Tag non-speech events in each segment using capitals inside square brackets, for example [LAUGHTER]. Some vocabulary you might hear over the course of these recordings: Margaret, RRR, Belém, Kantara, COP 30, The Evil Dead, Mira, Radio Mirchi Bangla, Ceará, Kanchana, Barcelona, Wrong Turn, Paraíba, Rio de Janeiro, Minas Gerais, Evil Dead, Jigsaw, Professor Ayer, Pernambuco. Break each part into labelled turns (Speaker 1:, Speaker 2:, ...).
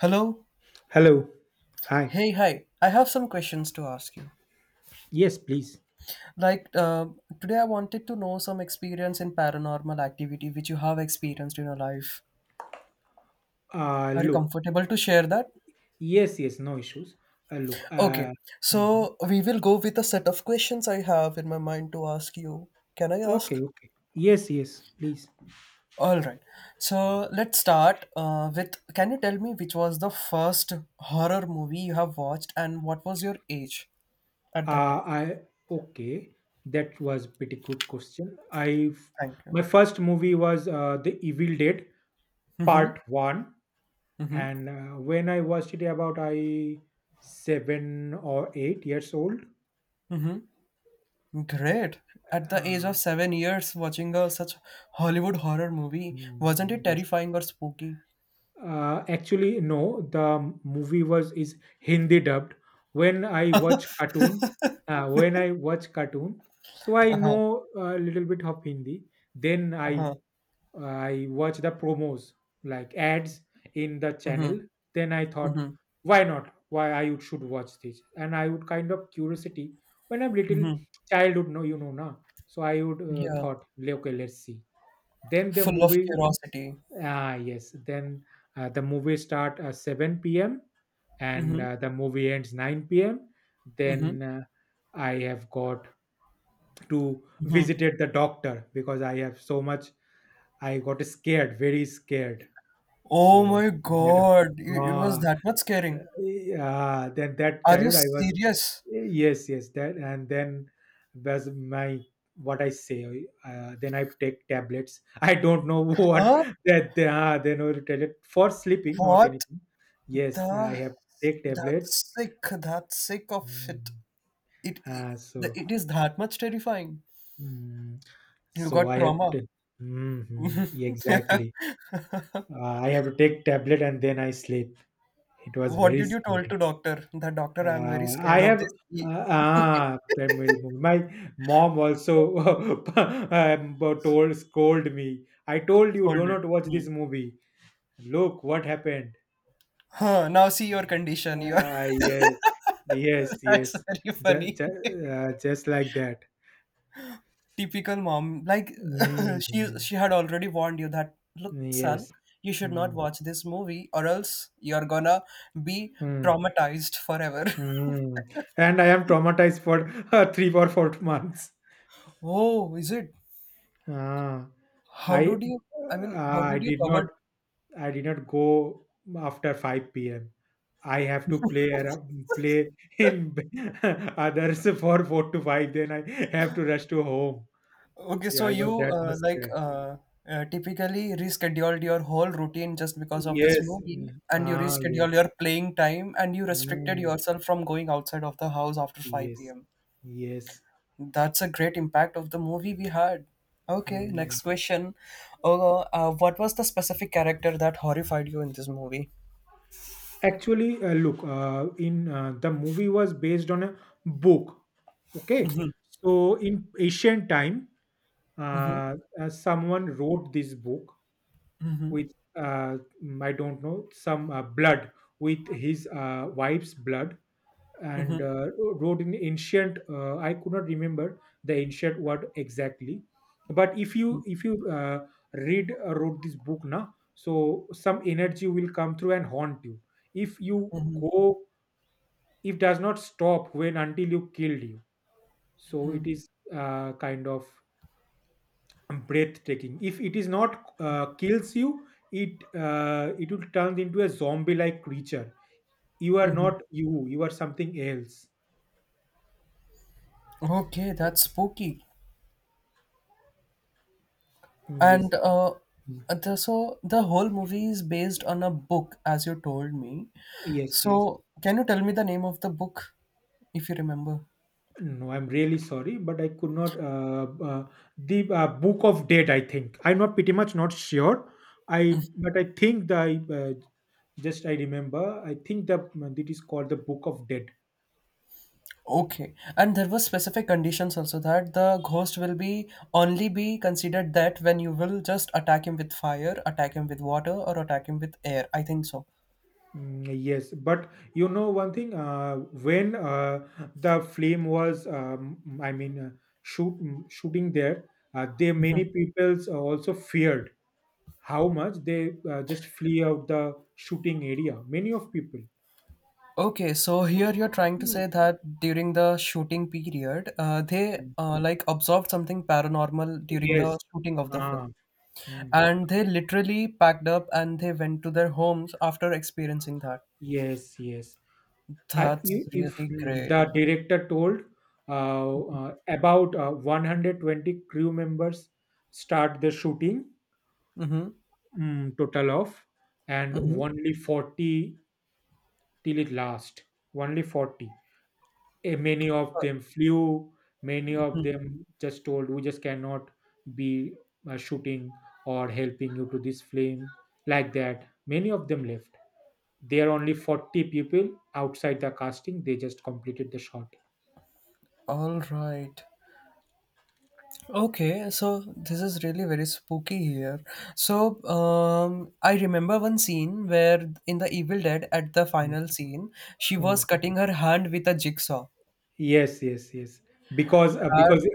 Speaker 1: Hello.
Speaker 2: Hello. Hi.
Speaker 1: Hey, hi. I have some questions to ask you.
Speaker 2: Yes, please.
Speaker 1: Like, uh, Today I wanted to know some experience in paranormal activity which you have experienced in your life. Are you
Speaker 2: Look.
Speaker 1: comfortable to share that?
Speaker 2: Yes, yes, no issues. Look.
Speaker 1: Okay.
Speaker 2: Mhm.
Speaker 1: So, we will go with a set of questions I have in my mind to ask you. Can I ask?
Speaker 2: Okay, okay. Yes, yes, please.
Speaker 1: All right. So, let's start with can you tell me which was the first horror movie you have watched and what was your age at that time?
Speaker 2: I Okay. That was pretty good question. I
Speaker 1: Thank you.
Speaker 2: My first movie was The Evil Dead Part One,
Speaker 1: Hmm.
Speaker 2: and when I watched it, about I 7 or 8 years old.
Speaker 1: Great. At the age
Speaker 2: Uh,
Speaker 1: of 7 years, watching a such Hollywood horror movie, wasn't it
Speaker 2: mm, yes.
Speaker 1: terrifying or spooky?
Speaker 2: Actually, no. The movie was is Hindi dubbed. When I
Speaker 1: [LAUGHS]
Speaker 2: watch cartoon, when I watch cartoon, so I
Speaker 1: Uh-huh.
Speaker 2: know a little bit of Hindi. Then I
Speaker 1: Uh-huh.
Speaker 2: I watch the promos like ads in the channel.
Speaker 1: Mm-hmm.
Speaker 2: Then I thought,
Speaker 1: Mm-hmm.
Speaker 2: why not? Should watch this? And I would kind of curiosity when I'm little
Speaker 1: Mm-hmm.
Speaker 2: childhood, no, you know, na. So I would
Speaker 1: Yeah,
Speaker 2: thought, "Le- okay, let's see. Then the
Speaker 1: full of
Speaker 2: movie
Speaker 1: curiosity.
Speaker 2: Ah, yes. Then the movie start 7 p.m. and
Speaker 1: Mm-hmm.
Speaker 2: the movie ends 9 p.m.
Speaker 1: Mm-hmm.
Speaker 2: Then I have got to visited the doctor because I have so much. I got scared, very scared.
Speaker 1: Oh
Speaker 2: So
Speaker 1: my
Speaker 2: that.
Speaker 1: God, it was
Speaker 2: Ah,
Speaker 1: that much scaring.
Speaker 2: yeah, then that
Speaker 1: Are you
Speaker 2: childhood I was
Speaker 1: serious?
Speaker 2: yes, yes, that and then was my what I say. Then I take tablets. [LAUGHS] I don't know [LAUGHS] what
Speaker 1: Huh?
Speaker 2: that they are. They know the tablet for sleeping, not
Speaker 1: What
Speaker 2: anything. Yes, I
Speaker 1: the?
Speaker 2: have take tablets.
Speaker 1: That's sick. That's sick of it.
Speaker 2: Mm.
Speaker 1: It, it,
Speaker 2: Uh, so
Speaker 1: it is that much terrifying.
Speaker 2: mm,
Speaker 1: You
Speaker 2: so
Speaker 1: got
Speaker 2: I have to.
Speaker 1: trauma.
Speaker 2: Take, mhm, exactly.
Speaker 1: [LAUGHS]
Speaker 2: I have to take tablet and then I sleep. It was
Speaker 1: What
Speaker 2: very
Speaker 1: did you told
Speaker 2: scary.
Speaker 1: to doctor? The doctor, I'm very
Speaker 2: I
Speaker 1: scared of
Speaker 2: have
Speaker 1: this. He [LAUGHS]
Speaker 2: ah primary movie. My mom also [LAUGHS] um, told scold me. I told you do
Speaker 1: scolded.
Speaker 2: not watch this
Speaker 1: Hmm.
Speaker 2: movie. Look what happened.
Speaker 1: Huh, now see your condition. You are
Speaker 2: Ah yes, yes,
Speaker 1: [LAUGHS] that's
Speaker 2: yes.
Speaker 1: very
Speaker 2: Just,
Speaker 1: funny.
Speaker 2: just, just like that.
Speaker 1: [LAUGHS] Typical mom. Like,
Speaker 2: Mm,
Speaker 1: [LAUGHS] she had already warned you that look, son,
Speaker 2: yes.
Speaker 1: you should not
Speaker 2: Mm,
Speaker 1: watch this movie or else you're gonna be
Speaker 2: mm,
Speaker 1: traumatized forever. [LAUGHS]
Speaker 2: mm. And I am traumatized for [LAUGHS] 3 or 4 months.
Speaker 1: Oh, is it?
Speaker 2: Ah,
Speaker 1: How
Speaker 2: I
Speaker 1: did you I mean, how did
Speaker 2: I
Speaker 1: you
Speaker 2: did not.
Speaker 1: cover
Speaker 2: I did not go after 5 p.m. I have to play around,
Speaker 1: [LAUGHS]
Speaker 2: play in [LAUGHS] others for 4 to 5. Then I have to rush to home.
Speaker 1: Okay,
Speaker 2: Yeah,
Speaker 1: so
Speaker 2: I was
Speaker 1: you
Speaker 2: that much scared.
Speaker 1: typically rescheduled your whole routine just because of this
Speaker 2: Yes.
Speaker 1: movie,
Speaker 2: mm,
Speaker 1: and you
Speaker 2: Ah,
Speaker 1: rescheduled
Speaker 2: yes.
Speaker 1: your playing time, and you restricted
Speaker 2: Mm,
Speaker 1: yourself from going outside of the house after 5
Speaker 2: yes.
Speaker 1: p.m.
Speaker 2: Yes.
Speaker 1: That's a great impact of the movie we had. Okay,
Speaker 2: Mm.
Speaker 1: next question. What was the specific character that horrified you in this movie?
Speaker 2: Actually, look, in the movie was based on a book. Okay. So in ancient time, someone wrote this book with I don't know some blood with his wife's blood and wrote in ancient I could not remember the ancient word exactly but if you read wrote this book now, so some energy will come through and haunt you if you
Speaker 1: Mm-hmm.
Speaker 2: go if does not stop when until you killed you, so it is kind of breathtaking if it is not kills you, it it will turn into a zombie like creature, you are
Speaker 1: Mm-hmm.
Speaker 2: not you are something else.
Speaker 1: Okay, that's spooky.
Speaker 2: Mm, yes.
Speaker 1: And uh,
Speaker 2: Mm.
Speaker 1: so the whole movie is based on a book, as you told me.
Speaker 2: Yes, yes.
Speaker 1: So can you tell me the name of the book, if you remember?
Speaker 2: No, I'm really sorry but I could not the book of dead, I think I'm not pretty much not sure. I but I think the I, uh, just I remember I think the it is called the book of dead.
Speaker 1: Okay. And there were specific conditions also that the ghost will be only be considered that when you will just attack him with fire, attack him with water, or attack him with air. I think so.
Speaker 2: Mm, yes, but you know one thing, when the flame was, I mean, uh, shoot shooting there, there many peoples also feared how much they just flee out the shooting area. Many of people.
Speaker 1: Okay, so here you're trying to
Speaker 2: Mm.
Speaker 1: say that during the shooting period, they like observed something paranormal during the
Speaker 2: Yes.
Speaker 1: shooting of the
Speaker 2: Ah,
Speaker 1: film.
Speaker 2: mm,
Speaker 1: And they literally packed up and they went to their homes after experiencing that.
Speaker 2: yes, yes.
Speaker 1: That's
Speaker 2: I- if
Speaker 1: really
Speaker 2: mm,
Speaker 1: great.
Speaker 2: The director told about 120 crew members start the shooting,
Speaker 1: Mm-hmm.
Speaker 2: total of, and
Speaker 1: Mm-hmm.
Speaker 2: only 40 till it last, only 40. Many of them flew, many of
Speaker 1: Hmm.
Speaker 2: them just told we just cannot be shooting or helping you to this flame, like that many of them left. There are only 40 people outside the casting, they just completed the shot.
Speaker 1: All right. Okay, so this is really very spooky here. So, I remember one scene where in the Evil Dead at the final scene, she was
Speaker 2: Mm.
Speaker 1: cutting her hand with a jigsaw.
Speaker 2: Yes, yes, yes. Because uh,
Speaker 1: That
Speaker 2: because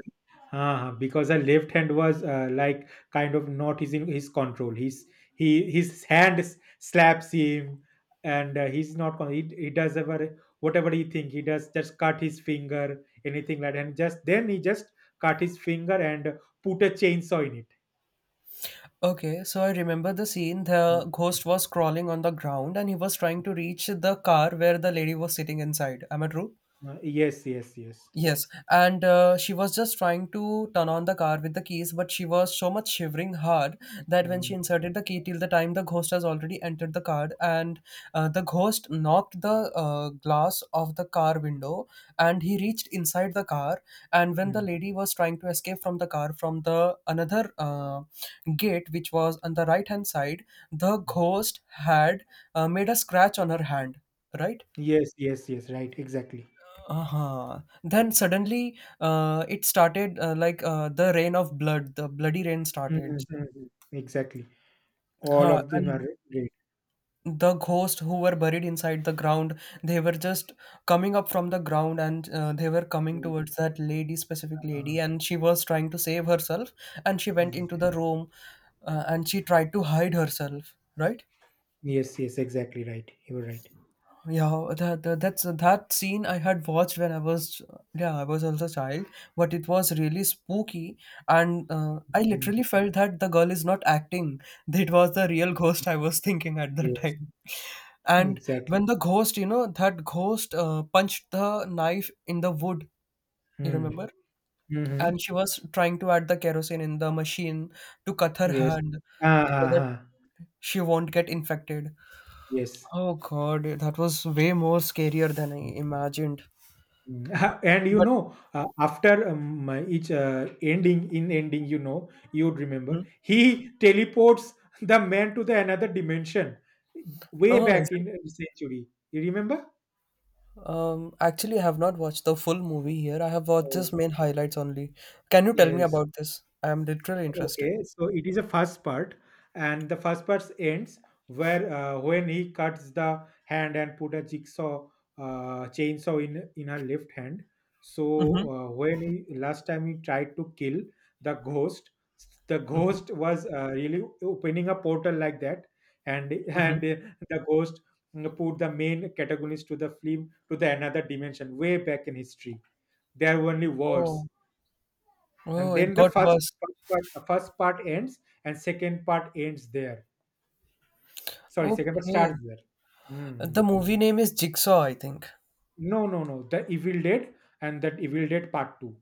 Speaker 2: because the left hand was like kind of not his in his control. His hand s- slaps him, and he's not. Con- he does ever whatever he think. He does just cut his finger, anything like, that. And just then he just cut his finger and put a chainsaw in it.
Speaker 1: okay, so I remember the scene.
Speaker 2: Mm.
Speaker 1: The ghost was crawling on the ground and he was trying to reach the car where the lady was sitting inside. Am I true?
Speaker 2: Yes, yes, yes.
Speaker 1: Yes, and she was just trying to turn on the car with the keys, but she was so much shivering hard that when she
Speaker 2: Mm,
Speaker 1: inserted the key, till the time the ghost has already entered the car, and the ghost knocked the glass of the car window, and he reached inside the car. And when the
Speaker 2: mm,
Speaker 1: lady was trying to escape from the car from the another gate, which was on the right hand side, the
Speaker 2: mm.
Speaker 1: ghost had made a scratch on her hand, right?
Speaker 2: Yes, yes, yes. Right, exactly.
Speaker 1: Uh-huh. Then suddenly it started the rain of blood, the bloody rain
Speaker 2: Mm, mm,
Speaker 1: started.
Speaker 2: mm, mm. Exactly. All
Speaker 1: Huh,
Speaker 2: of them
Speaker 1: and
Speaker 2: are great.
Speaker 1: the ghosts who were buried inside the ground, they were just coming up from the ground and they were coming
Speaker 2: Mm.
Speaker 1: towards that lady, specific
Speaker 2: uh,
Speaker 1: lady, and she was trying to save herself and she went
Speaker 2: Mm.
Speaker 1: into the room and she tried to hide herself, right?
Speaker 2: Yes, yes, exactly right. You were right.
Speaker 1: Yeah, that's that scene I had watched when I was yeah I was also a child, but it was really spooky, and I
Speaker 2: Mm.
Speaker 1: literally felt that the girl is not acting. [LAUGHS] It was the real ghost I was thinking at the
Speaker 2: Yes,
Speaker 1: time, and
Speaker 2: exactly.
Speaker 1: when the ghost, you know, that ghost punched the knife in the wood. You
Speaker 2: Mm.
Speaker 1: remember?
Speaker 2: Mm-hmm.
Speaker 1: And she was trying to add the kerosene in the machine to cut her
Speaker 2: Yes.
Speaker 1: hand
Speaker 2: Ah,
Speaker 1: so
Speaker 2: ah,
Speaker 1: that
Speaker 2: ah.
Speaker 1: she won't get infected.
Speaker 2: Yes.
Speaker 1: Oh God, that was way more scarier than I
Speaker 2: Mm.
Speaker 1: imagined.
Speaker 2: [LAUGHS] And you
Speaker 1: But
Speaker 2: know, after each ending, you know, you'd
Speaker 1: mhm.
Speaker 2: remember, he teleports the man to the another dimension way
Speaker 1: Oh, is
Speaker 2: back
Speaker 1: it?
Speaker 2: in century. You remember?
Speaker 1: Actually, I have not watched the full movie here. I have watched just
Speaker 2: Oh,
Speaker 1: main highlights only. Can you tell me
Speaker 2: yes.
Speaker 1: about this? I am literally interested.
Speaker 2: Okay, so it is a first part, and the first part ends where when he cuts the hand and put a jigsaw chainsaw in her left hand. So
Speaker 1: Mm-hmm.
Speaker 2: when he last time he tried to kill the ghost, the
Speaker 1: Mm-hmm.
Speaker 2: ghost was really opening a portal like that, and
Speaker 1: Mm-hmm.
Speaker 2: and the ghost put the main protagonist to the film to the another dimension way back in history. There were only wars,
Speaker 1: Oh,
Speaker 2: and
Speaker 1: oh, it
Speaker 2: then the
Speaker 1: got
Speaker 2: first
Speaker 1: worse.
Speaker 2: first part, first part ends, and second part
Speaker 1: Okay.
Speaker 2: starts there. Mhm.
Speaker 1: The movie name is Jigsaw, I think.
Speaker 2: No no no, the evil dead, and that evil dead part 2.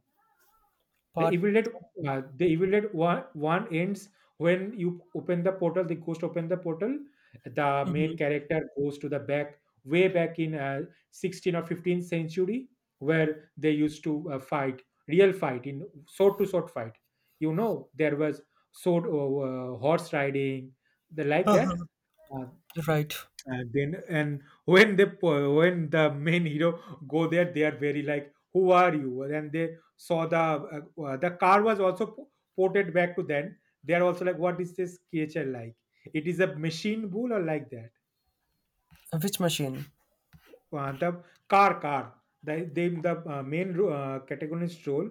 Speaker 2: The
Speaker 1: Part.
Speaker 2: Evil Dead, the Evil Dead one, ends when you open the portal. The ghost open the portal. The
Speaker 1: Mm-hmm.
Speaker 2: main character goes to the back, way back in 16 or 15th century, where they used to fight, real fight in sword to sword fight. You know, there was sword horse riding, the like that.
Speaker 1: [LAUGHS]
Speaker 2: Uh,
Speaker 1: Right.
Speaker 2: and then and when they po- when the main hero go there, they are very like, "Who are you?" And they saw the car was also po- ported back to them. They are also like, "What is this creature like? It is a machine bull or like that?"
Speaker 1: Which machine?
Speaker 2: The car the protagonist role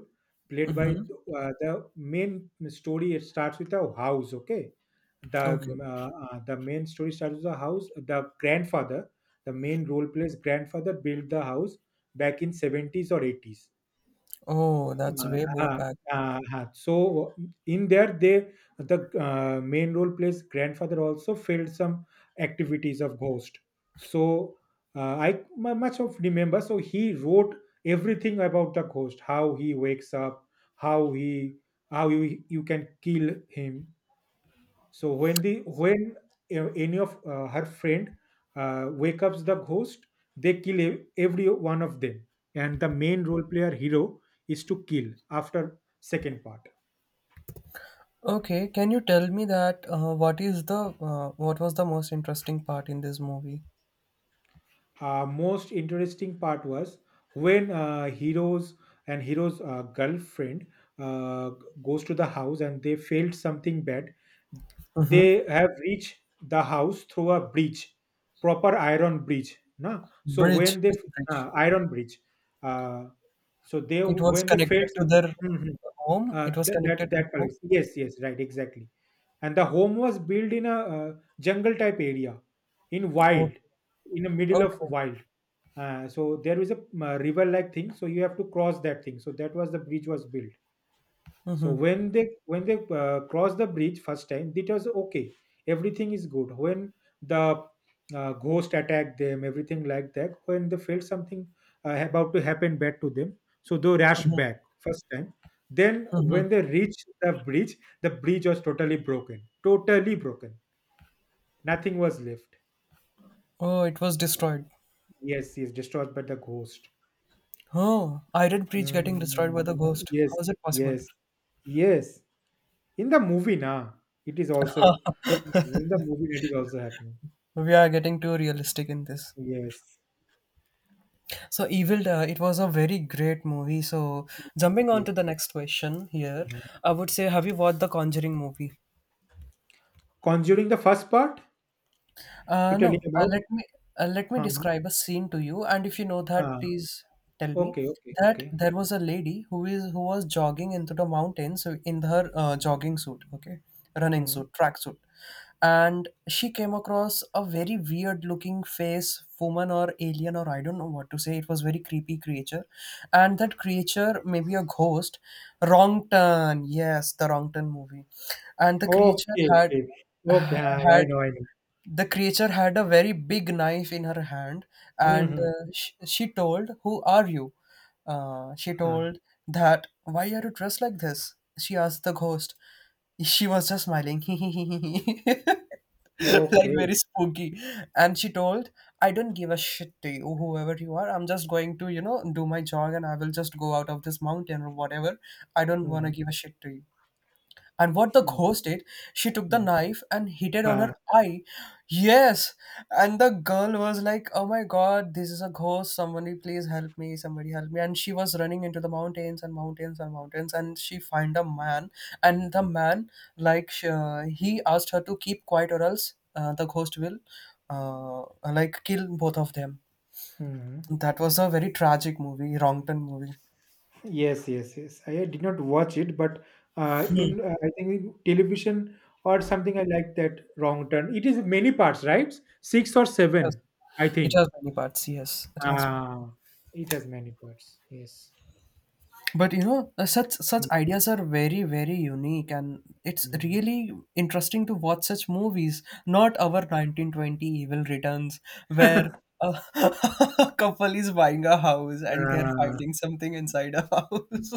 Speaker 2: played by
Speaker 1: Mm-hmm.
Speaker 2: the main story it starts with a house, okay,
Speaker 1: Okay.
Speaker 2: the main story starts with a house. The grandfather, the main role plays grandfather built the house back in 70s or 80s.
Speaker 1: Oh, that's
Speaker 2: Uh,
Speaker 1: way more
Speaker 2: uh,
Speaker 1: packed.
Speaker 2: so in there they the main role plays grandfather also filled some activities of ghost. So I much of remember, so he wrote everything about the ghost, how he wakes up, how he, how you can kill him. So when any of her friend wake up the ghost, they kill every one of them, and the main role player hero is to kill after second part.
Speaker 1: Okay, can you tell me that what was the most interesting part in this movie?
Speaker 2: Most interesting part was when heroes and hero's girlfriend uh, goes to the house and they failed something bad.
Speaker 1: Mm-hmm.
Speaker 2: They have reached the house through a bridge, proper iron bridge, na? So
Speaker 1: Bridge,
Speaker 2: when they
Speaker 1: which bridge?
Speaker 2: iron bridge, uh, so they
Speaker 1: It was
Speaker 2: when they
Speaker 1: connected
Speaker 2: failed
Speaker 1: to
Speaker 2: some.
Speaker 1: their
Speaker 2: Mhm.
Speaker 1: home? It was
Speaker 2: That that,
Speaker 1: connected to the
Speaker 2: that
Speaker 1: home?
Speaker 2: colors. Yes yes right exactly. And the home was built in a jungle type area, in wild,
Speaker 1: Okay.
Speaker 2: in the middle of
Speaker 1: Okay.
Speaker 2: wild. So there is a river like thing, so you have to cross that thing, so that was the bridge was built. So
Speaker 1: Mm-hmm.
Speaker 2: when they crossed the bridge first time, it was okay, everything is good. When the ghost attacked them, everything like that, when they felt something about to happen bad to them, so they rushed back first time. Then when they reached the bridge, the bridge was totally broken, nothing was left.
Speaker 1: Oh, it was destroyed.
Speaker 2: Yes, yes, destroyed by the ghost.
Speaker 1: Oh, Iron Bridge getting destroyed by the
Speaker 2: Mm,
Speaker 1: ghost.
Speaker 2: yes,
Speaker 1: How is it possible?
Speaker 2: yes, yes. In the movie, now it is also in the movie it is also happening.
Speaker 1: We are getting too realistic in this.
Speaker 2: Yes,
Speaker 1: So, Evil, it was a very great movie. So, jumping on
Speaker 2: yes.
Speaker 1: to the next question here,
Speaker 2: Mhm.
Speaker 1: I would say, have you watched the Conjuring movie?
Speaker 2: Conjuring the first part
Speaker 1: Uh,
Speaker 2: you telling
Speaker 1: no, uh,
Speaker 2: about?
Speaker 1: let me uh, let me
Speaker 2: Uh-huh.
Speaker 1: describe a scene to you, and if you know that,
Speaker 2: Uh,
Speaker 1: please tell me
Speaker 2: okay, okay,
Speaker 1: that
Speaker 2: okay.
Speaker 1: there was a lady who is who was jogging into the mountains in her jogging suit, okay, running
Speaker 2: Mm.
Speaker 1: suit, track suit, and she came across a very weird looking face, woman or alien or I don't know what to say. It was very creepy creature, and that creature maybe a ghost. Wrong turn, yes, the wrong turn movie, and the creature
Speaker 2: Okay,
Speaker 1: had
Speaker 2: okay, okay. Ah,
Speaker 1: [SIGHS]
Speaker 2: I
Speaker 1: had
Speaker 2: know, I know.
Speaker 1: the creature had a very big knife in her hand and uh,
Speaker 2: Mm-hmm.
Speaker 1: she, she told who are you she
Speaker 2: Ah,
Speaker 1: told that why are you dressed like this, she asked the ghost. She was just smiling [LAUGHS] like
Speaker 2: okay.
Speaker 1: very spooky, and she told, I don't give a shit to you whoever you are. I'm just going to, you know, do my jog and I will just go out of this mountain or whatever. I don't want to
Speaker 2: Mm-hmm.
Speaker 1: give a shit to you. And what the ghost did, she took the
Speaker 2: Mm-hmm.
Speaker 1: knife and hit it on
Speaker 2: Ah,
Speaker 1: her eye. Yes. And the girl was like, oh my god, this is a ghost. Somebody please help me. Somebody help me. And she was running into the mountains and mountains and mountains. And she find a man. And the man, like, he asked her to keep quiet or else the ghost will, uh, kill both of them.
Speaker 2: mm-hmm.
Speaker 1: That was a very tragic movie, wrong turn movie.
Speaker 2: Yes, yes, yes. I did not watch it, but in I think in television or something, I like that Wrong Turn. It is many parts, right? Six or
Speaker 1: Has,
Speaker 2: seven, I
Speaker 1: it has
Speaker 2: think.
Speaker 1: many parts. Yes, it has.
Speaker 2: Uh, it has many parts. Yes.
Speaker 1: But you know such such ideas are very very unique and it's
Speaker 2: Mm.
Speaker 1: really interesting to watch such movies, not our 1920 evil returns where a [LAUGHS] a couple is buying a house and they're
Speaker 2: Uh,
Speaker 1: finding something inside a house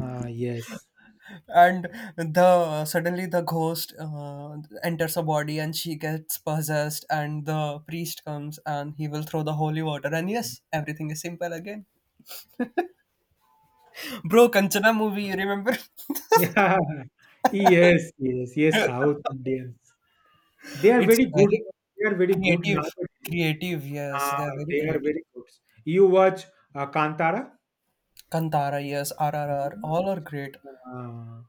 Speaker 2: yes.
Speaker 1: [LAUGHS] and the suddenly the ghost enters a body and she gets possessed and the priest comes and he will throw the holy water and yes everything is simple again. Bro, kanchana movie, you remember?
Speaker 2: Yeah. [LAUGHS] Yes, yes, yes.
Speaker 1: [LAUGHS]
Speaker 2: South Indians. They are
Speaker 1: It's
Speaker 2: very
Speaker 1: very
Speaker 2: good. They are very good
Speaker 1: creative,
Speaker 2: nowadays.
Speaker 1: creative, yes, they
Speaker 2: Uh,
Speaker 1: are very
Speaker 2: they are
Speaker 1: creative.
Speaker 2: very good. You watch Kantara?
Speaker 1: Kantara, yes, RRR,
Speaker 2: Mhm.
Speaker 1: all are great.
Speaker 2: Uh,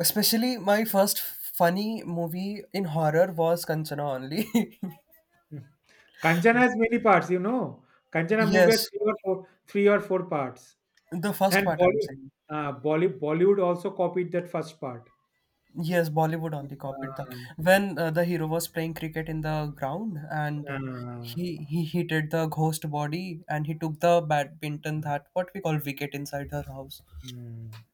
Speaker 1: Especially my first funny movie in horror was Kanchana only.
Speaker 2: [LAUGHS] Kanchana has many parts, you know.
Speaker 1: [LAUGHS]
Speaker 2: Kanchana movie has
Speaker 1: Yes,
Speaker 2: three or four, three or four parts,
Speaker 1: the first
Speaker 2: and
Speaker 1: part I'm saying.
Speaker 2: Bollywood also copied that first part.
Speaker 1: Yes, Bollywood only copied that.
Speaker 2: Uh,
Speaker 1: When the hero was playing cricket in the ground and
Speaker 2: uh,
Speaker 1: he hit the ghost body and he took the badminton that what we call wicket inside her house.
Speaker 2: mm.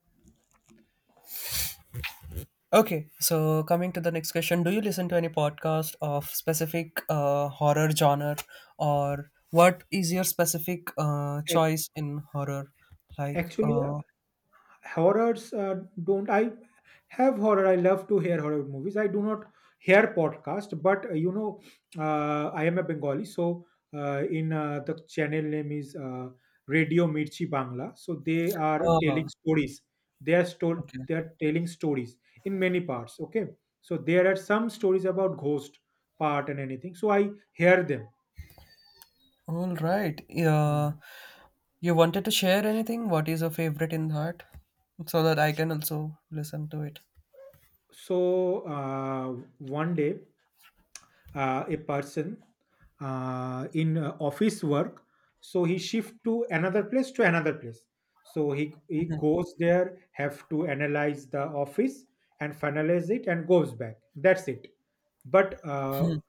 Speaker 1: Okay, so coming to the next question, do you listen to any podcast of specific horror genre, or what is your specific
Speaker 2: Ac-
Speaker 1: choice in horror? Like,
Speaker 2: Actually,
Speaker 1: uh,
Speaker 2: horrors don't. I have horror I love to hear horror movies, I do not hear podcast, but you know, I am a Bengali, so in the channel name is Radio Mirchi Bangla, so they are
Speaker 1: uh,
Speaker 2: telling stories,
Speaker 1: okay,
Speaker 2: they are telling stories in many parts, okay, so there are some stories about ghost part and anything, so I hear them.
Speaker 1: all right.
Speaker 2: Mm.
Speaker 1: Yeah, you wanted to share anything? What is your favorite in that, so that I can also listen to it?
Speaker 2: So, uh, one day, a person, in office work, he shift to another place, so he
Speaker 1: [LAUGHS]
Speaker 2: goes there, have to analyze the office and finalize it and goes back, that's it. But
Speaker 1: Mhm,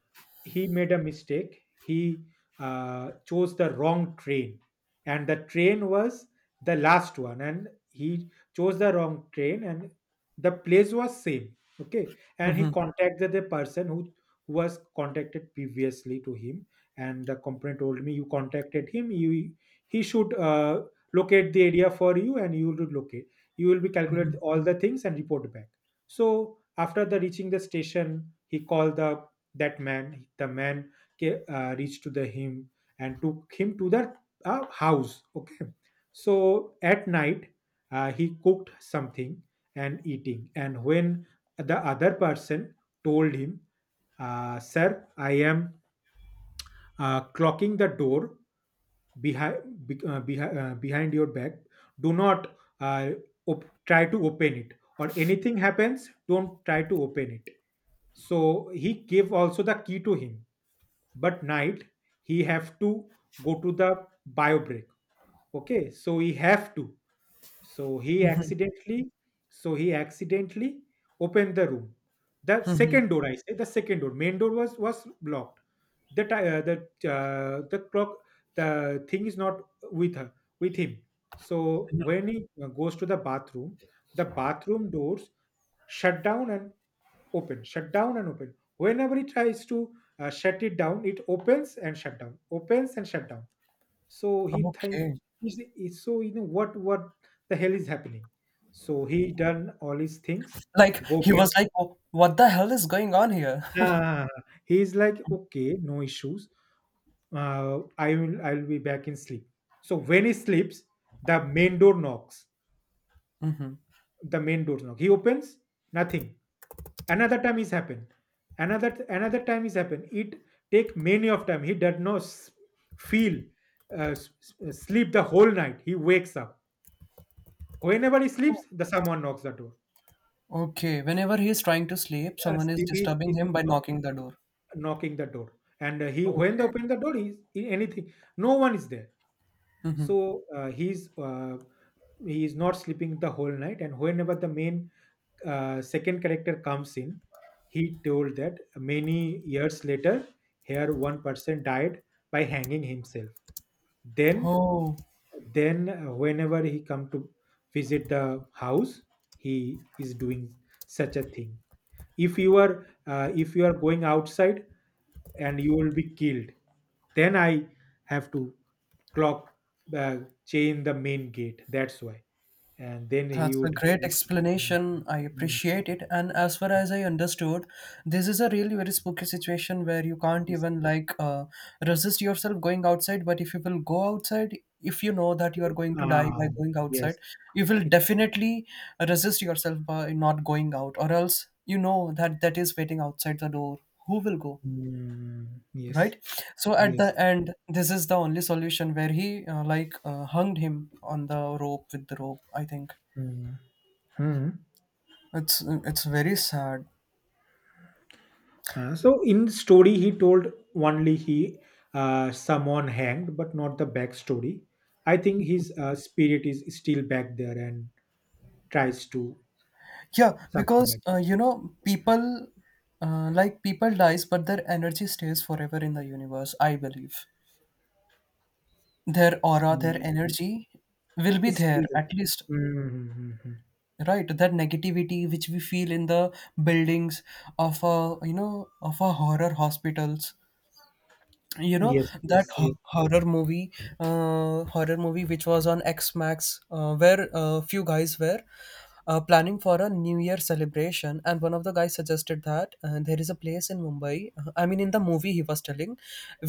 Speaker 2: he made a mistake. He chose the wrong train, and the train was the last one, and he chose the wrong train, and the place was same. Okay, and he
Speaker 1: mhm,
Speaker 2: contacted the person who was contacted previously to him, and the company told me you contacted him. You he should locate the area for you, and you will locate. You will be calculate
Speaker 1: mhm,
Speaker 2: all the things and report back. So after the reaching the station, he called the that man the man reached to the him and took him to the house. Okay, so at night, he cooked something and eating, and when the other person told him, sir, I am clocking the door behind behind your back. Do not uh, try to open it, or anything happens, don't try to open it. So he gave also the key to him, but night he have to go to the bio break. Okay, so he have to, so he
Speaker 1: mhm,
Speaker 2: accidentally so he accidentally opened the room. The
Speaker 1: mhm.
Speaker 2: second door I say the second door, main door was blocked. the ti- uh, the the clock, the thing is not with her with him. So when he goes to the bathroom, the bathroom doors shut down and open, shut down and open, whenever he tries to shut it down, it opens and shut down, opens and shut down. So he think
Speaker 1: Okay,
Speaker 2: so, you know, what the hell is happening. So he done all his things,
Speaker 1: like
Speaker 2: go
Speaker 1: he was
Speaker 2: back.
Speaker 1: like, "Oh, what the hell is going on here?"
Speaker 2: [LAUGHS]
Speaker 1: [LAUGHS]
Speaker 2: ah, he's like, okay, no issues, I'll be back in sleep. So when he sleeps, the main door knocks.
Speaker 1: Mhm.
Speaker 2: The main door knock, he opens, nothing. Another time is happen. Another time is happen, it take many of time. He does not feel uh, s- sleep the whole night. He wakes up whenever he sleeps, the someone knocks the door.
Speaker 1: Okay, whenever he is trying to sleep, someone is
Speaker 2: Sleep
Speaker 1: disturbing
Speaker 2: is
Speaker 1: him by knocking the door.
Speaker 2: knocking the door, and he, when they
Speaker 1: Okay.
Speaker 2: open the door, anything, no one is there.
Speaker 1: Mm-hmm.
Speaker 2: So he is not sleeping the whole night, and whenever the main second character comes in, he told that many years later, here one person died by hanging himself. then
Speaker 1: Oh,
Speaker 2: then whenever he come to visit the house, he is doing such a thing. If you are if you are going outside, and you will be killed, then I have to clock, uh, chain the main gate, that's why. And then he
Speaker 1: that's a
Speaker 2: would
Speaker 1: great
Speaker 2: visit. Mm,
Speaker 1: explanation. I
Speaker 2: mm,
Speaker 1: appreciate it. And as far as I understood, this is a really very spooky situation where you can't
Speaker 2: yes.
Speaker 1: even resist yourself going outside. But if you will go outside, if you know that you are going to die by
Speaker 2: Ah,
Speaker 1: going outside,
Speaker 2: yes,
Speaker 1: you will
Speaker 2: exactly.
Speaker 1: definitely resist yourself by not going out, or else you know that that is waiting outside the door. Who will go?
Speaker 2: Mm,
Speaker 1: Right,
Speaker 2: yes,
Speaker 1: so at the
Speaker 2: yes.
Speaker 1: end this is the only solution where he like hung him on the rope with the rope, I think.
Speaker 2: Mm. Hmm.
Speaker 1: It's very sad.
Speaker 2: So in story, he told only he someone hanged, but not the backstory. I think his spirit is still back there and tries to
Speaker 1: Yeah,
Speaker 2: something
Speaker 1: because
Speaker 2: like.
Speaker 1: you know people like people dies but their energy stays forever in the universe, I believe. Their aura, their
Speaker 2: Mm.
Speaker 1: energy will be
Speaker 2: It's
Speaker 1: there
Speaker 2: still there.
Speaker 1: at least.
Speaker 2: Mm-hmm.
Speaker 1: Right, that negativity which we feel in the buildings of a, you know, of a horror hospitals. You know
Speaker 2: Yes,
Speaker 1: that
Speaker 2: yes, yes.
Speaker 1: horror movie, horror movie which was on X Max, where a few guys were planning for a new year celebration, and one of the guys suggested that there is a place in Mumbai, I mean in the movie he was telling,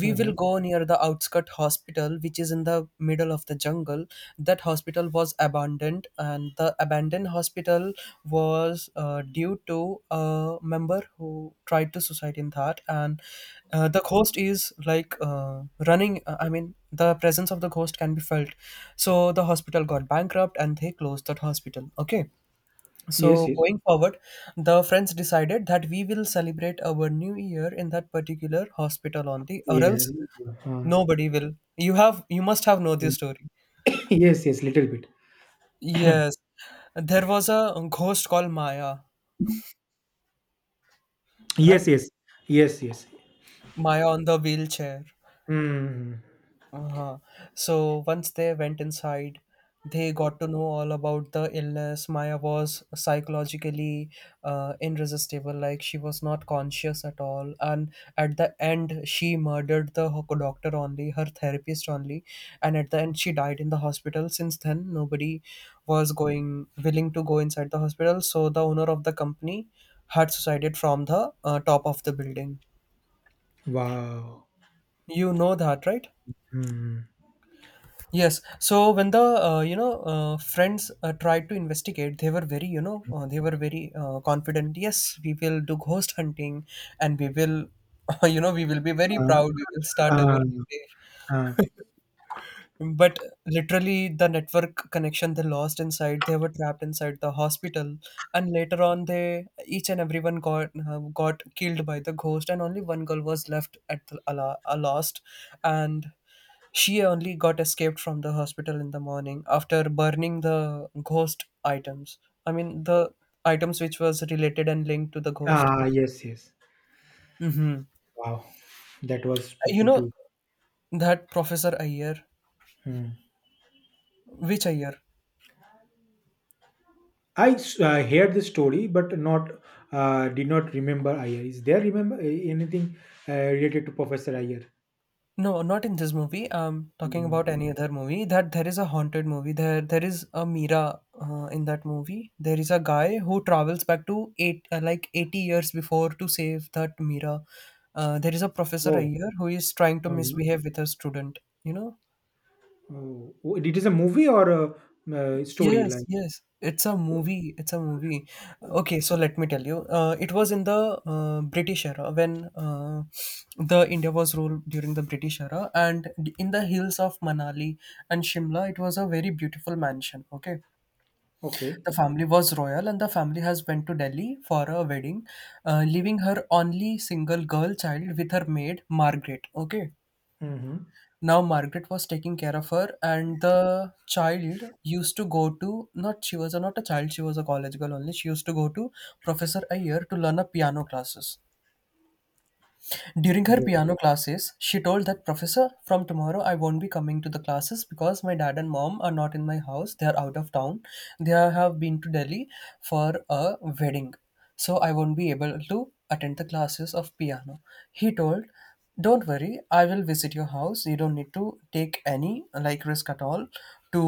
Speaker 1: we will
Speaker 2: Mhm.
Speaker 1: go near the outskirt hospital which is in the middle of the jungle. That hospital was abandoned, and the abandoned hospital was due to a member who tried to suicide in that, and the ghost is like running. I mean, the presence of the ghost can be felt. So the hospital got bankrupt and they closed that hospital. Okay.
Speaker 2: Yes,
Speaker 1: So
Speaker 2: yes,
Speaker 1: going forward, the friends decided that we will celebrate our new year in that particular hospital only, or
Speaker 2: yeah.
Speaker 1: else
Speaker 2: uh,
Speaker 1: nobody will. You must have know this story.
Speaker 2: yes, yes, little bit.
Speaker 1: Yes, there was a ghost called Maya,
Speaker 2: Yes,
Speaker 1: right?
Speaker 2: yes, yes, yes.
Speaker 1: Maya on the wheelchair.
Speaker 2: Mm.
Speaker 1: Uh-huh. So once they went inside, they got to know all about the illness. Maya was psychologically irresistible, like she was not conscious at all. And at the end, she murdered the doctor only, her therapist only. And at the end, she died in the hospital. Since then, nobody was going willing to go inside the hospital. So the owner of the company had suicided from the top of the building.
Speaker 2: Wow.
Speaker 1: You know that, right?
Speaker 2: Mm.
Speaker 1: Yes. So when the friends tried to investigate, they were very, confident. Yes, we will do ghost hunting, and we will [LAUGHS] we will be very
Speaker 2: Uh,
Speaker 1: proud. We will start our
Speaker 2: uh,
Speaker 1: new day,
Speaker 2: uh,
Speaker 1: but literally the network connection they lost inside, they were trapped inside the hospital, and later on they each and everyone got killed by the ghost, and only one girl was left at a lost, and she only got escaped from the hospital in the morning after burning the ghost items, I mean the items which was related and linked to the ghost.
Speaker 2: ah, yes, yes.
Speaker 1: Mm-hmm.
Speaker 2: Wow, that was
Speaker 1: You
Speaker 2: spooky
Speaker 1: know
Speaker 2: too.
Speaker 1: that Professor Ayer?
Speaker 2: Hmm.
Speaker 1: Which Ayer?
Speaker 2: Heard the story, but not did not remember Iyer. Is there remember anything related to Professor Iyer?
Speaker 1: No, not in this movie. I'm talking
Speaker 2: Hmm.
Speaker 1: about any other movie. That there is a haunted movie. There is a Mira in that movie. There is a guy who travels back to eight like 80 years before to save that Mira. There is a professor A
Speaker 2: Oh,
Speaker 1: who is trying to
Speaker 2: uh-huh.
Speaker 1: misbehave with a student, you know?
Speaker 2: Oh, oh, it is a movie or a, story
Speaker 1: Yes,
Speaker 2: like?
Speaker 1: yes. It's a movie. It's a movie. Okay, so let me tell you. It was in the British era when the India was ruled during the British era, and in the hills of Manali and Shimla, it was a very beautiful mansion. Okay,
Speaker 2: Okay.
Speaker 1: the family was royal, and the family has went to Delhi for a wedding, leaving her only single girl child with her maid Margaret. Okay,
Speaker 2: Mm-hmm.
Speaker 1: now Margaret was taking care of her, and the child used to go to, not, she was not a child, she was a college girl only. She used to go to Professor Ayer to learn a piano classes. During her piano classes, she told that professor, "From tomorrow I won't be coming to the classes because my dad and mom are not in my house. They are out of town. Have been to Delhi for a wedding. So I won't be able to attend the classes of piano." He told, "Don't worry, I will visit your house. You don't need to take any like risk at all to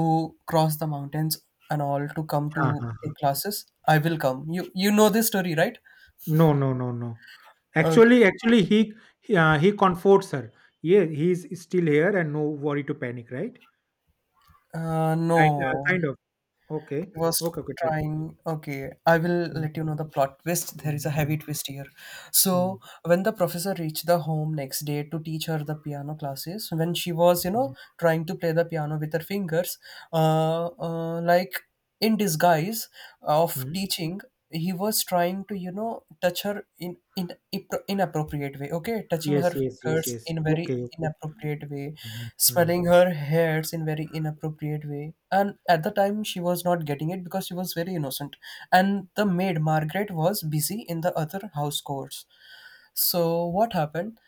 Speaker 1: cross the mountains and all to come to take classes. I will come." You know this story, right?
Speaker 2: No, no, no, no.
Speaker 1: Okay.
Speaker 2: Actually, he comforts her. Yeah, he's still here and no worry to panic, right? Kind,
Speaker 1: No,
Speaker 2: kind of. Okay.
Speaker 1: he was
Speaker 2: Okay.
Speaker 1: trying. Okay, I will let you know the plot twist. There is a heavy
Speaker 2: Okay.
Speaker 1: twist here.
Speaker 2: Mm,
Speaker 1: So when the professor reached the home next day to teach her the piano classes, when she was, you know,
Speaker 2: mm,
Speaker 1: trying to play the piano with her fingers, like in disguise of
Speaker 2: mm.
Speaker 1: teaching, he was trying to, you know, touch her in inappropriate way. Okay, touching her
Speaker 2: Yes, yes, yes,
Speaker 1: fingers
Speaker 2: yes.
Speaker 1: in very
Speaker 2: Okay, okay.
Speaker 1: inappropriate way,
Speaker 2: Mhm, mhm,
Speaker 1: smelling her hairs in very inappropriate way, and at the time she was not getting it because she was very innocent, and the maid Margaret was busy in the other house chores. So what happened?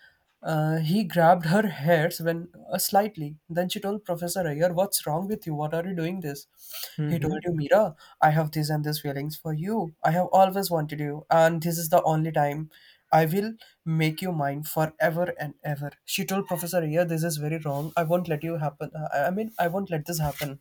Speaker 1: He grabbed her hairs when slightly. Then she told Professor Iyer, "What's wrong with you? What are you doing this?" He told
Speaker 2: mhm,
Speaker 1: you, "Mira, I have this and this feelings for you. I have always wanted you, and this is the only time. I will make you mine forever and ever." She told Professor Iyer, "This is very wrong. I won't let you happen. I mean, I won't let this happen."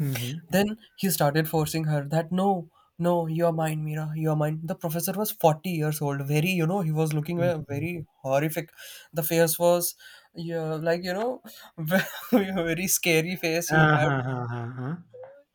Speaker 2: mhm,
Speaker 1: Then he started forcing her that, "No, no, you're mine, Mira, you're mine." The professor was 40 years old, very, you know, he was looking
Speaker 2: mhm.
Speaker 1: very horrific. The face was, yeah, like, you know, [LAUGHS] very scary face he
Speaker 2: Ah,
Speaker 1: had.
Speaker 2: ha, ha, ha, ha.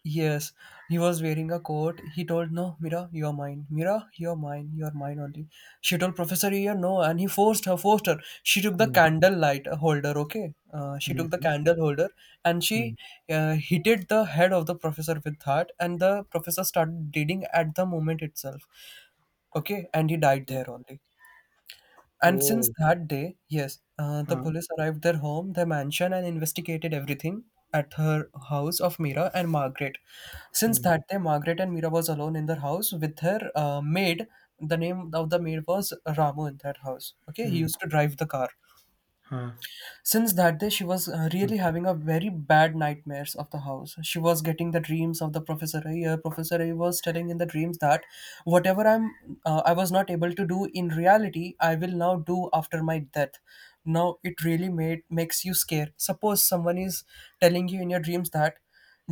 Speaker 1: Yes, he was wearing a coat. He told, "No, Mira, you're mine. Mira, you're mine. You're mine only." She told Professor Ear, "No," and he forced her, forced her. She took the
Speaker 2: Mm,
Speaker 1: candle light holder, okay? She
Speaker 2: mm,
Speaker 1: took the
Speaker 2: mm,
Speaker 1: candle holder and she
Speaker 2: mm.
Speaker 1: hit the head of the professor with that, and the professor started bleeding at the moment itself, okay? And he died there only. And since
Speaker 2: Oh,
Speaker 1: that day, yes, the
Speaker 2: ah,
Speaker 1: police arrived their home, their mansion, and investigated everything at her house of Mira and Margaret. Since
Speaker 2: mm,
Speaker 1: that day, Margaret and Mira was alone in their house with her maid. The name of the maid was Ramu in that house. Okay, he
Speaker 2: mm,
Speaker 1: used to drive the car.
Speaker 2: ah,
Speaker 1: Since that day, she was
Speaker 2: mm.
Speaker 1: really having a very bad nightmares of the house. She was getting the dreams of the professor. A. Professor A was telling in the dreams that whatever I was not able to do in reality, I will now do after my death. Now it really made makes you scared. Suppose someone is telling you in your dreams that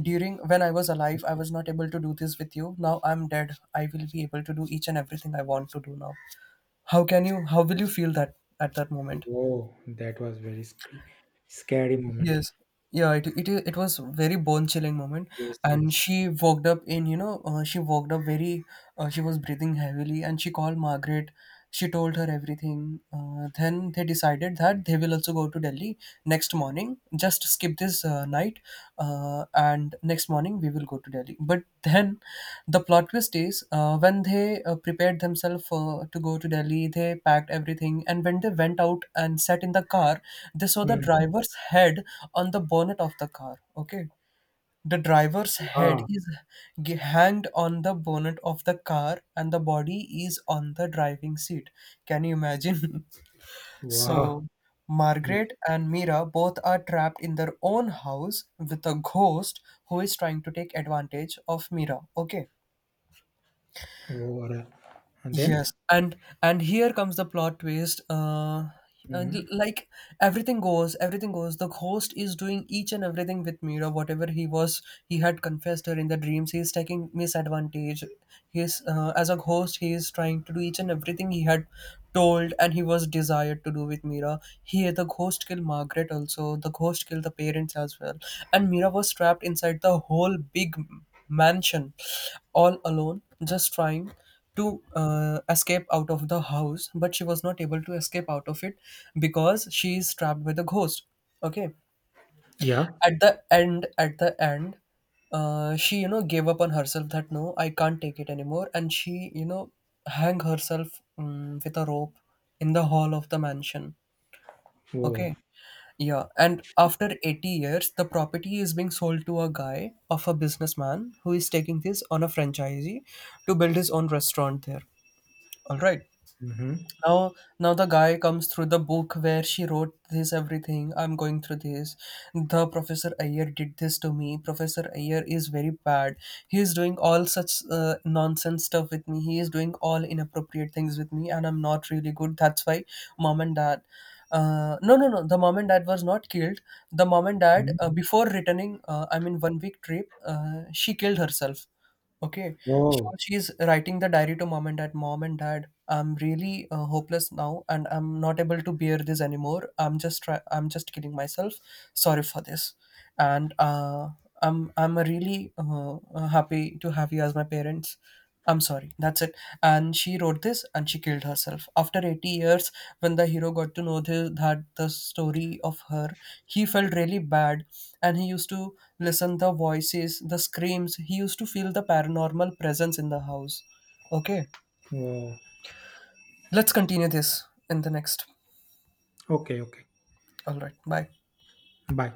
Speaker 1: during when I was alive, I was not able to do this with you. Now I'm dead. I will be able to do each and everything I want to do now. How can you? How will you feel that at that moment?
Speaker 2: Whoa, that was very scary, scary moment.
Speaker 1: Yes. Yeah, it was very bone chilling moment,
Speaker 2: Yes,
Speaker 1: and
Speaker 2: yes.
Speaker 1: she walked up very she was breathing heavily, and she called Margaret. She told her everything. Then they decided that they will also go to Delhi next morning. Just skip this night, and next morning we will go to Delhi. But then the plot twist is, when they prepared themselves to go to Delhi, they packed everything. And when they went out and sat in the car, they saw the
Speaker 2: Mm.
Speaker 1: driver's head on the bonnet of the car. Okay. The driver's head
Speaker 2: Wow,
Speaker 1: is hanged on the bonnet of the car, and the body is on the driving seat. Can you imagine? [LAUGHS] So
Speaker 2: wow. Man,
Speaker 1: Margaret and Mira both are trapped in their own house with a ghost who is trying to take advantage of Mira. Okay.
Speaker 2: whoa, what a- And
Speaker 1: Yes,
Speaker 2: then,
Speaker 1: and here comes the plot twist. And
Speaker 2: mm,
Speaker 1: like everything goes, everything goes. The ghost is doing each and everything with Mira, whatever he had confessed her in the dreams. He is taking misadvantage. He is as a ghost, he is trying to do each and everything he had told and he was desired to do with Mira. Here, the ghost killed Margaret also. The ghost killed the parents as well, and Mira was trapped inside the whole big mansion, all alone, just trying to escape out of the house, but she was not able to escape out of it because she is trapped by the ghost. Okay.
Speaker 2: yeah.
Speaker 1: At the end, she, you know, gave up on herself that no, I can't take it anymore, and she, you know, hang herself with a rope in the hall of the mansion.
Speaker 2: Whoa.
Speaker 1: Okay. Yeah, and after 80 years, the property is being sold to a guy of a businessman who is taking this on a franchisee to build his own restaurant there. All right.
Speaker 2: Mm-hmm.
Speaker 1: Now, now the guy comes through the book where she wrote this everything. I'm going through this. "The Professor Ayer did this to me. Professor Ayer is very bad. He is doing all such nonsense stuff with me. He is doing all inappropriate things with me, and I'm not really good. That's why, mom and dad..." No, no, no. The mom and dad was not killed. The mom and dad,
Speaker 2: Mm-hmm.
Speaker 1: before returning, I mean, one week trip, she killed herself. Okay. So
Speaker 2: Whoa.
Speaker 1: she's writing the diary to mom and dad. "Mom and dad, I'm really hopeless now, and I'm not able to bear this anymore. I'm just killing myself. Sorry for this, and I'm really happy to have you as my parents. I'm sorry, that's it." And she wrote this and she killed herself. After 80 years, when the hero got to know that the story of her, he felt really bad, and he used to listen the voices, the screams. He used to feel the paranormal presence in the house. Okay,
Speaker 2: Whoa.
Speaker 1: let's continue this in the next.
Speaker 2: Okay, okay.
Speaker 1: All right, bye.
Speaker 2: Bye.